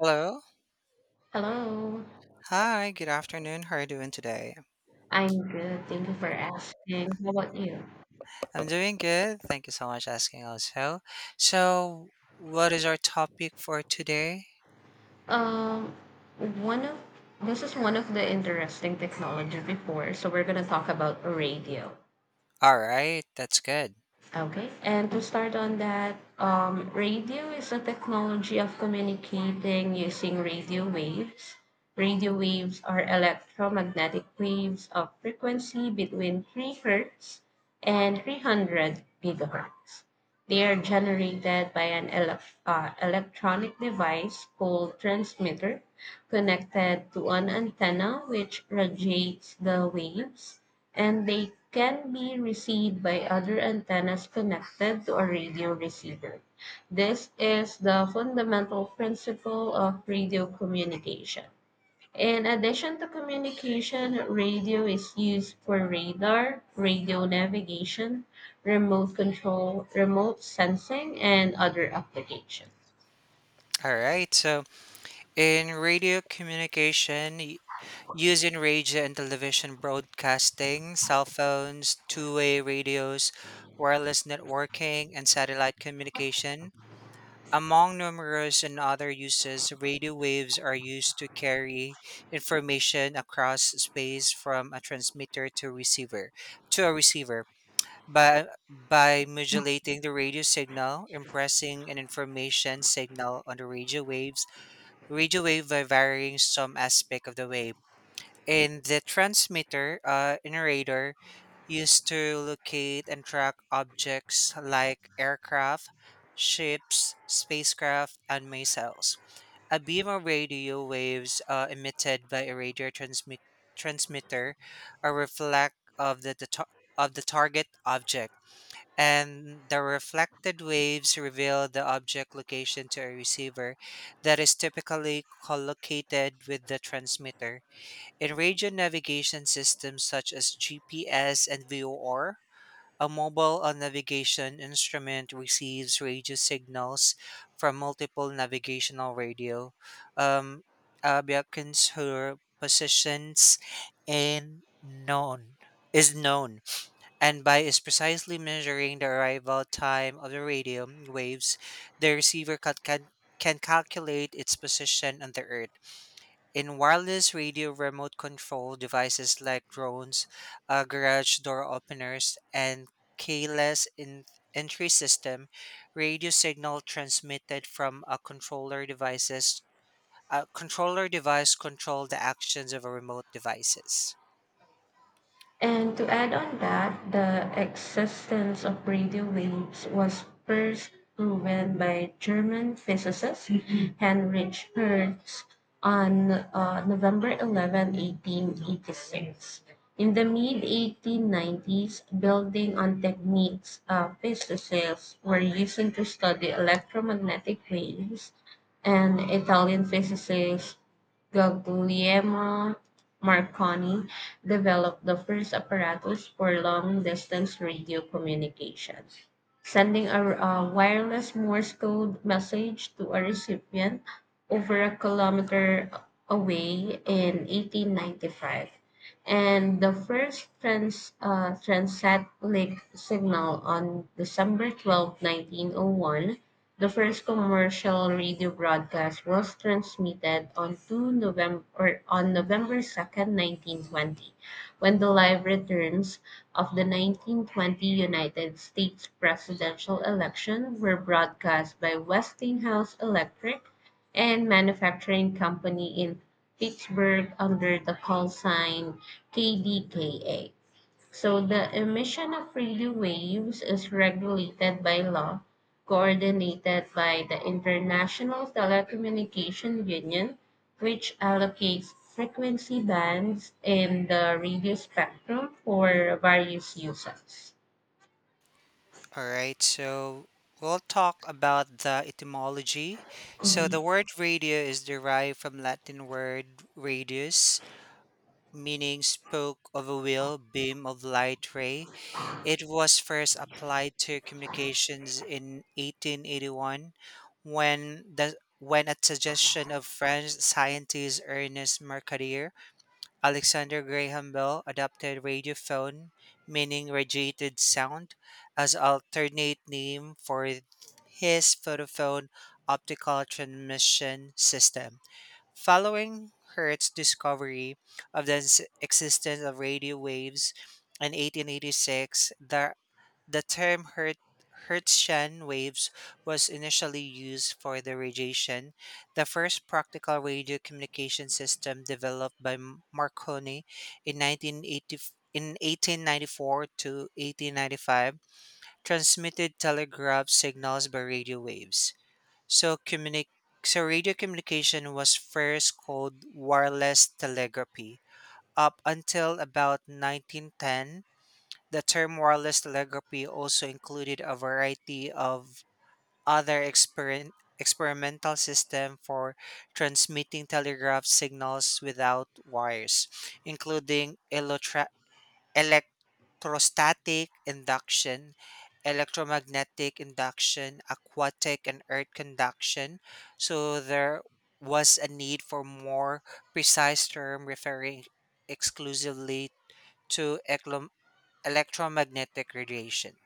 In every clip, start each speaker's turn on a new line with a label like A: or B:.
A: Hello.
B: Hello,
A: Hi, good afternoon. How are you doing today?
B: I'm good. Thank you for asking. How about you?
A: I'm doing good. Thank you so much asking also. So, what is our topic for today?
B: Um, one of This is one of the interesting technology before, so we're gonna talk about radio.
A: All right, that's good.
B: Okay, and to start on that, radio is a technology of communicating using radio waves. Radio waves are electromagnetic waves of frequency between 3 hertz and 300 gigahertz. They are generated by an electronic device called transmitter, connected to an antenna which radiates the waves, and they can be received by other antennas connected to a radio receiver. This is the fundamental principle of radio communication. In addition to communication, radio is used for radar, radio navigation, remote control, remote sensing, and other applications.
A: All right. So, in radio communication, using radio and television broadcasting, cell phones, two-way radios, wireless networking, and satellite communication, among numerous and other uses, radio waves are used to carry information across space from a transmitter to a receiver. By modulating the radio signal, impressing an information signal on the radio waves, radio wave by varying some aspect of the wave and the transmitter in a radar used to locate and track objects like aircraft, ships, spacecraft, and missiles. A beam of radio waves emitted by a radio transmitter are reflect of of the target object, and the reflected waves reveal the object location to a receiver that is typically collocated with the transmitter. In radio navigation systems such as GPS and VOR, a mobile navigation instrument receives radio signals from multiple navigational radio um, beacons whose positions and known is known and by is precisely measuring the arrival time of the radio waves the receiver can calculate its position on the earth in wireless radio remote control devices like drones, garage door openers, and keyless in- entry system, radio signal transmitted from a controller device control the actions of a remote devices.
B: And to add on that, the existence of radio waves was first proven by German physicist Mhm. Heinrich Hertz on November 11, 1886. In the mid 1890s, building on techniques physicists were using to study electromagnetic waves, and Italian physicist Guglielmo Marconi developed the first apparatus for long-distance radio communication, sending a wireless Morse code message to a recipient over a kilometer away in 1895, and the first transatlantic signal on December 12, 1901. The first commercial radio broadcast was transmitted on two November or on November 2nd, 1920, when the live returns of the 1920 United States presidential election were broadcast by Westinghouse Electric and Manufacturing Company in Pittsburgh under the call sign KDKA. So the emission of radio waves is regulated by law, coordinated by the International Telecommunication Union, which allocates frequency bands in the radio spectrum for various uses.
A: All right, so we'll talk about the etymology. So the word radio is derived from Latin word radius, meaning spoke of a wheel, beam of light ray. It was first applied to communications in 1881 when the when at suggestion of French scientist Ernest Mercadier, Alexander Graham Bell adopted radiophone, meaning radiated sound, as alternate name for his photophone optical transmission system. Following Hertz's discovery of the existence of radio waves in 1886, the term Hertzian waves was initially used for the radiation, the first practical radio communication system developed by Marconi in 1980 in 1894 to 1895, transmitted telegraph signals by radio waves. So, communi- so radio communication was first called wireless telegraphy. Up until about 1910, the term wireless telegraphy also included a variety of other experimental systems for transmitting telegraph signals without wires, including electrostatic induction, electromagnetic induction, aquatic and earth conduction. So there was a need for more precise term referring exclusively to electromagnetic radiation.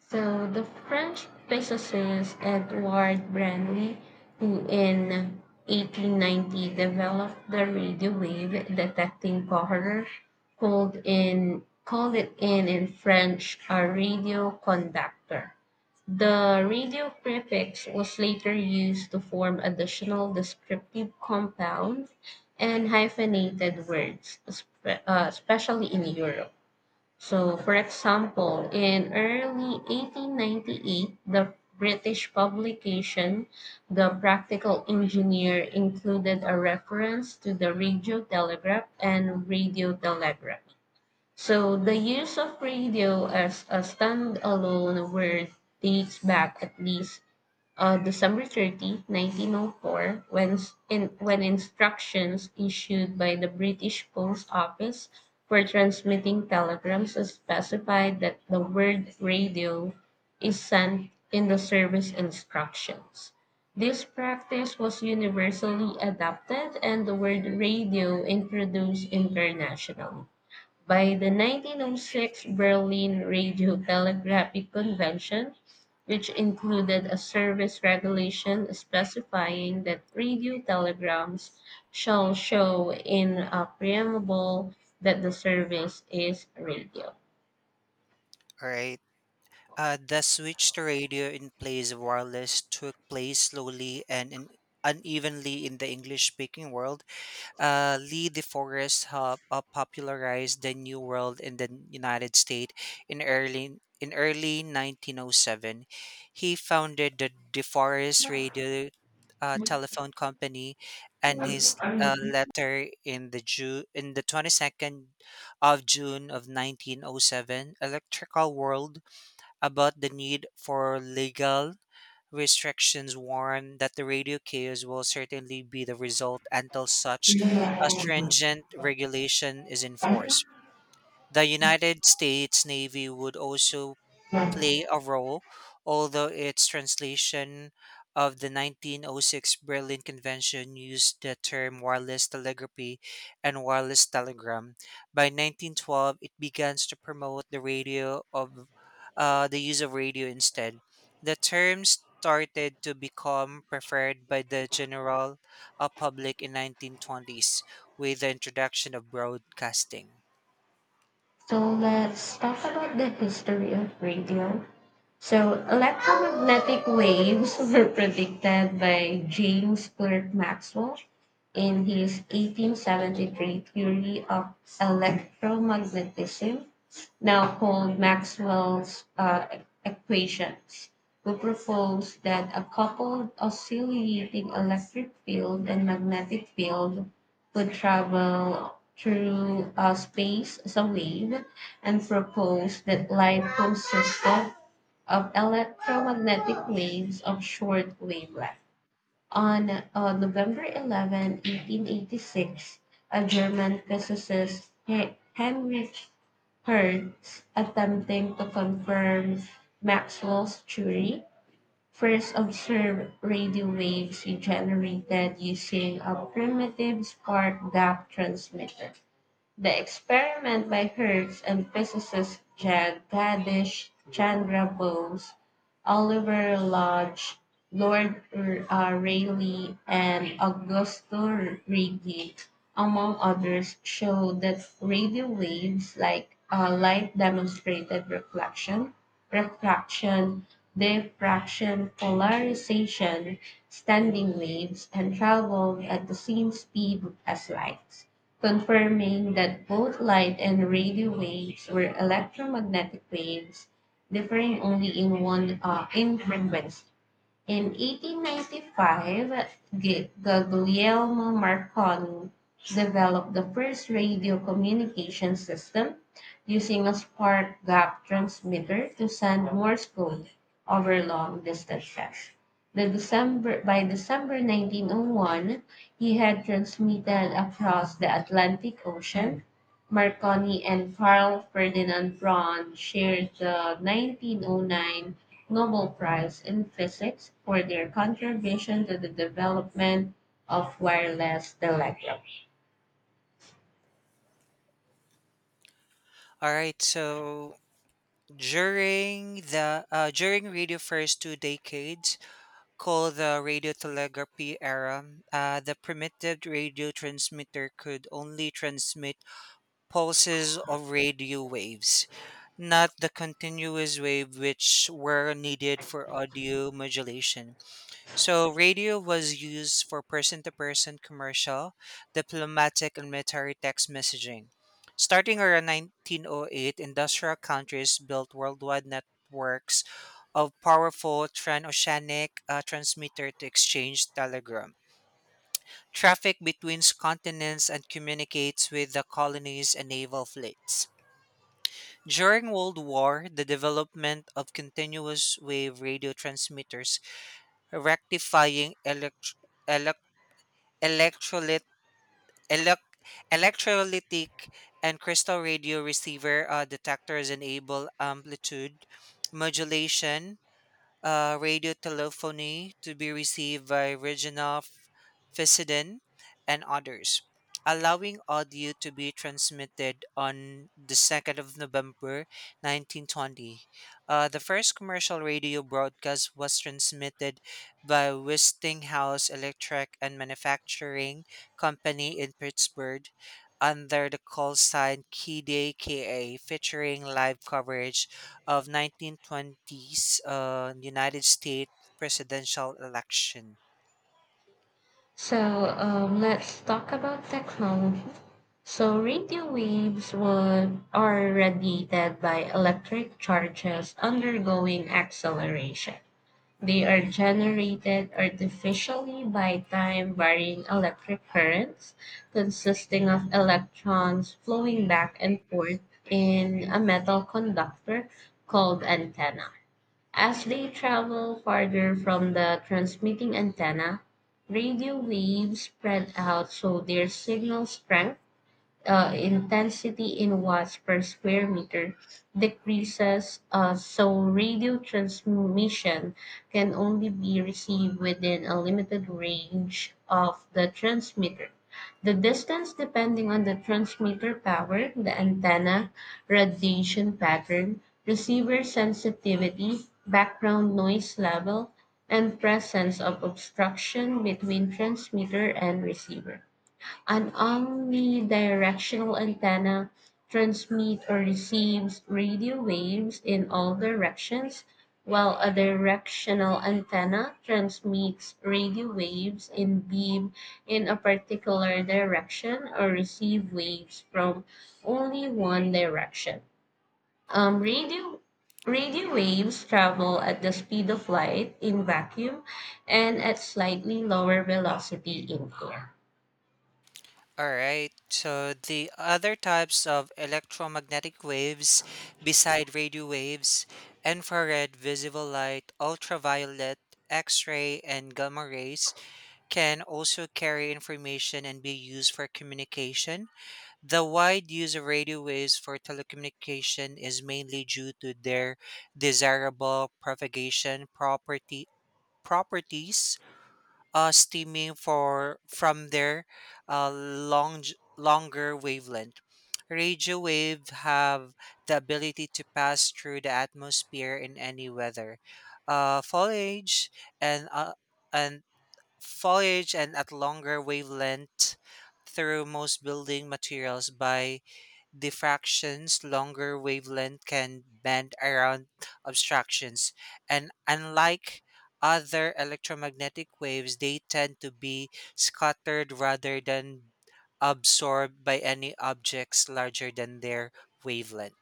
B: So the French physicist Edouard Branly, who in 1890 developed the radio wave detecting powder, called it in French a radio conductor. The radio prefix was later used to form additional descriptive compounds and hyphenated words, especially in Europe. So, for example, in early 1898, the British publication The Practical Engineer included a reference to the radio telegraph and radio telegraphy. So, the use of radio as a standalone word dates back at least December 30, 1904, when, when instructions issued by the British Post Office for transmitting telegrams specified that the word radio is sent in the service instructions. This practice was universally adopted and the word radio introduced internationally. By the 1906 Berlin Radio Telegraphic Convention, which included a service regulation specifying that radio telegrams shall show in a preamble that the service is radio.
A: All right. The switch to radio in place of wireless took place slowly and in, unevenly in the English speaking world. Lee DeForest popularized the New World in the United States in early 1907. He founded the DeForest Radio Telephone Company, and his letter in the in the 22nd of June of 1907, Electrical World, about the need for legal restrictions warn that the radio chaos will certainly be the result until such a stringent regulation is enforced. The United States Navy would also play a role, although its translation of the 1906 Berlin Convention used the term wireless telegraphy and wireless telegram. By 1912, it begins to promote the radio of the use of radio instead. The term started to become preferred by the general public in 1920s with the introduction of broadcasting.
B: So let's talk about the history of radio. So, electromagnetic waves were predicted by James Clerk Maxwell in his 1873 theory of electromagnetism, now called Maxwell's equations, who proposed that a coupled oscillating electric field and magnetic field could travel through space as a wave, and proposed that light consisted of electromagnetic waves of short wavelength. On November 11, 1886, a German physicist, Heinrich Hertz, attempting to confirm Maxwell's theory, first observed radio waves he generated using a primitive spark gap transmitter. The experiment by Hertz and physicists Jagadish Chandra Bose, Oliver Lodge, Lord Rayleigh, and Augusto Righi, among others, showed that radio waves, like light, demonstrated reflection, refraction, diffraction, polarization, standing waves, and traveled at the same speed as light, confirming that both light and radio waves were electromagnetic waves differing only in one in frequency. In 1895, Guglielmo Marconi developed the first radio communication system using a spark gap transmitter to send Morse code over long distances. By December 1901, he had transmitted across the Atlantic Ocean. Marconi and Carl Ferdinand Braun shared the 1909 Nobel Prize in Physics for their contribution to the development of wireless telegraphy.
A: All right, so during the during radio first two decades, called the radiotelegraphy era, the primitive radio transmitter could only transmit pulses of radio waves, not the continuous wave which were needed for audio modulation. So radio was used for person-to-person commercial, diplomatic, and military text messaging. Starting around 1908, industrial countries built worldwide networks of powerful transoceanic transmitter to exchange telegram. Traffic between continents and communicates with the colonies and naval fleets. During World War, the development of continuous wave radio transmitters, rectifying elect- electrolyte elec electrolytic and crystal radio receiver detectors enable amplitude modulation radio telephony to be received by Reginald Fessenden and others, allowing audio to be transmitted on the 2nd of November 1920. The first commercial radio broadcast was transmitted by Westinghouse Electric and Manufacturing Company in Pittsburgh under the call sign KDKA, featuring live coverage of 1920s United States presidential election.
B: So let's talk about technology. So radio waves are radiated by electric charges undergoing acceleration. They are generated artificially by time-varying electric currents, consisting of electrons flowing back and forth in a metal conductor called antenna. As they travel farther from the transmitting antenna, radio waves spread out so their signal strength intensity in watts per square meter decreases, so radio transmission can only be received within a limited range of the transmitter. The distance, depending on the transmitter power, the antenna, radiation pattern, receiver sensitivity, background noise level, and presence of obstruction between transmitter and receiver. An omnidirectional antenna transmits or receives radio waves in all directions, while a directional antenna transmits radio waves in beam in a particular direction, or receive waves from only one direction. Um, radio radio waves travel at the speed of light in vacuum, and at slightly lower velocity in air.
A: All right. So the other types of electromagnetic waves beside radio waves, infrared, visible light, ultraviolet, X-ray and gamma rays can also carry information and be used for communication. The wide use of radio waves for telecommunication is mainly due to their desirable propagation property properties, stemming for from their uh, long, longer wavelength. Radio waves have the ability to pass through the atmosphere in any weather. Uh, foliage and uh, and foliage and at longer wavelength through most building materials by diffractions, longer wavelength can bend around obstructions. And unlike other electromagnetic waves, they tend to be scattered rather than absorbed by any objects larger than their wavelength.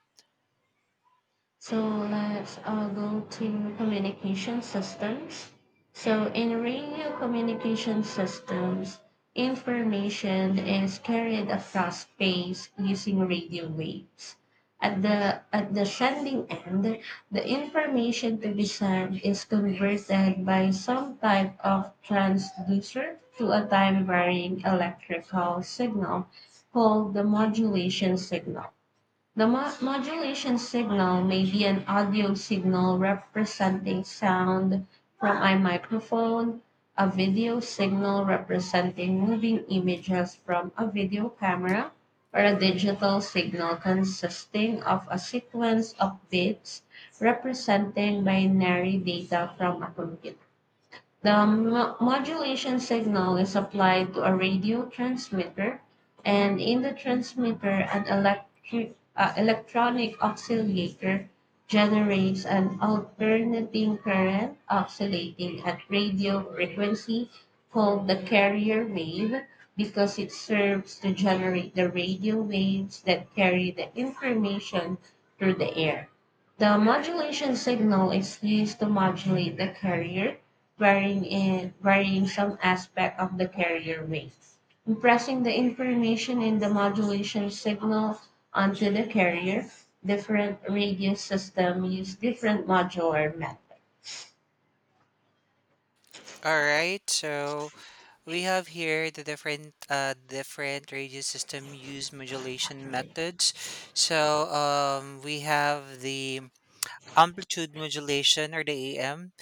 B: So let's go to communication systems. So in radio communication systems, information is carried across space using radio waves. At the sending end, the information to be sent is converted by some type of transducer to a time varying electrical signal called the modulation signal. The modulation signal may be an audio signal representing sound from a microphone, a video signal representing moving images from a video camera, or a digital signal consisting of a sequence of bits representing binary data from a computer. The modulation signal is applied to a radio transmitter, and in the transmitter, an electronic oscillator generates an alternating current oscillating at radio frequency called the carrier wave, because it serves to generate the radio waves that carry the information through the air. The modulation signal is used to modulate the carrier, varying some aspect of the carrier wave, impressing the information in the modulation signal onto the carrier. Different radio system use different modular methods.
A: All right, so we have here the different different radio system use modulation methods. We have the amplitude modulation or the AM.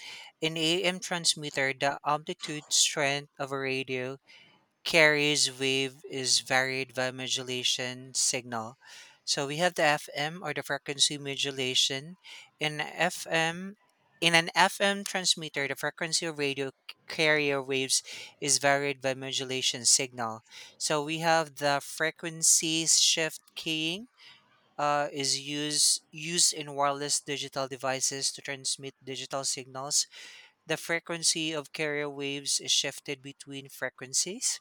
A: In AM transmitter, the amplitude strength of a radio carries wave is varied by modulation signal. So we have the FM or the frequency modulation. In FM in an FM transmitter, the frequency of radio carrier waves is varied by modulation signal. So we have the frequency shift keying is used used in wireless digital devices to transmit digital signals the frequency of carrier waves is shifted between frequencies.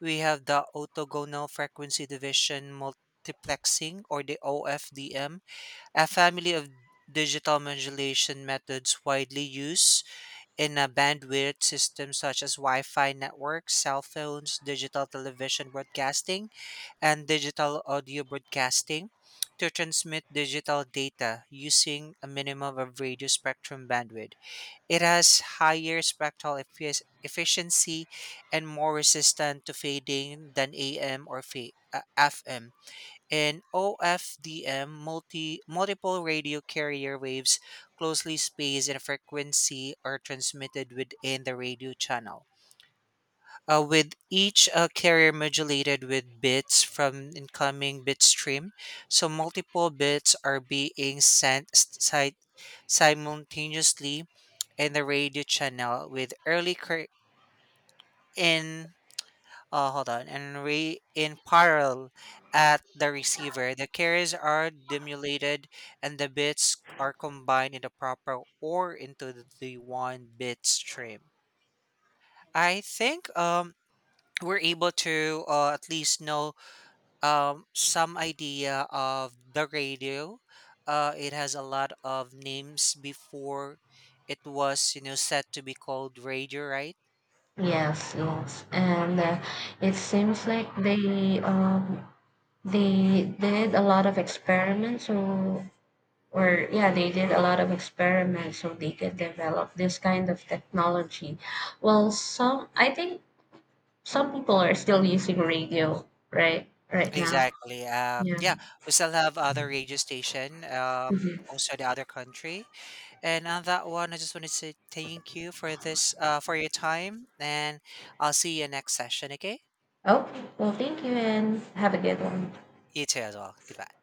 A: We have the orthogonal frequency division multiplexing, or the OFDM, a family of digital modulation methods widely used in a bandwidth system such as Wi-Fi networks, cell phones, digital television broadcasting, and digital audio broadcasting to transmit digital data using a minimum of radio spectrum bandwidth. It has higher spectral efficiency and more resistant to fading than AM or FM. In OFDM, multiple radio carrier waves closely spaced in frequency are transmitted within the radio channel with each carrier modulated with bits from incoming bit stream. So multiple bits are being sent simultaneously in the radio channel with early cur- in hold on and re- in parallel at the receiver. The carriers are demulated and the bits are combined in the proper or into the one bit stream. I think we're able to at least know some idea of the radio. It has a lot of names before it was, you know, set to be called radio, right?
B: Yes, yes, and it seems like they they did a lot of experiments, so or yeah, they did a lot of experiments, so they could develop this kind of technology. Well, some I think Some people are still using radio right now.
A: Exactly.
B: Yeah.
A: Yeah, we still have other radio station,
B: Mhm.
A: also the other country. And on that one, I just wanted to say thank you for this, for your time, and I'll see you next session. Okay,
B: Okay. Well, thank you and have a good one.
A: you too as well. Goodbye.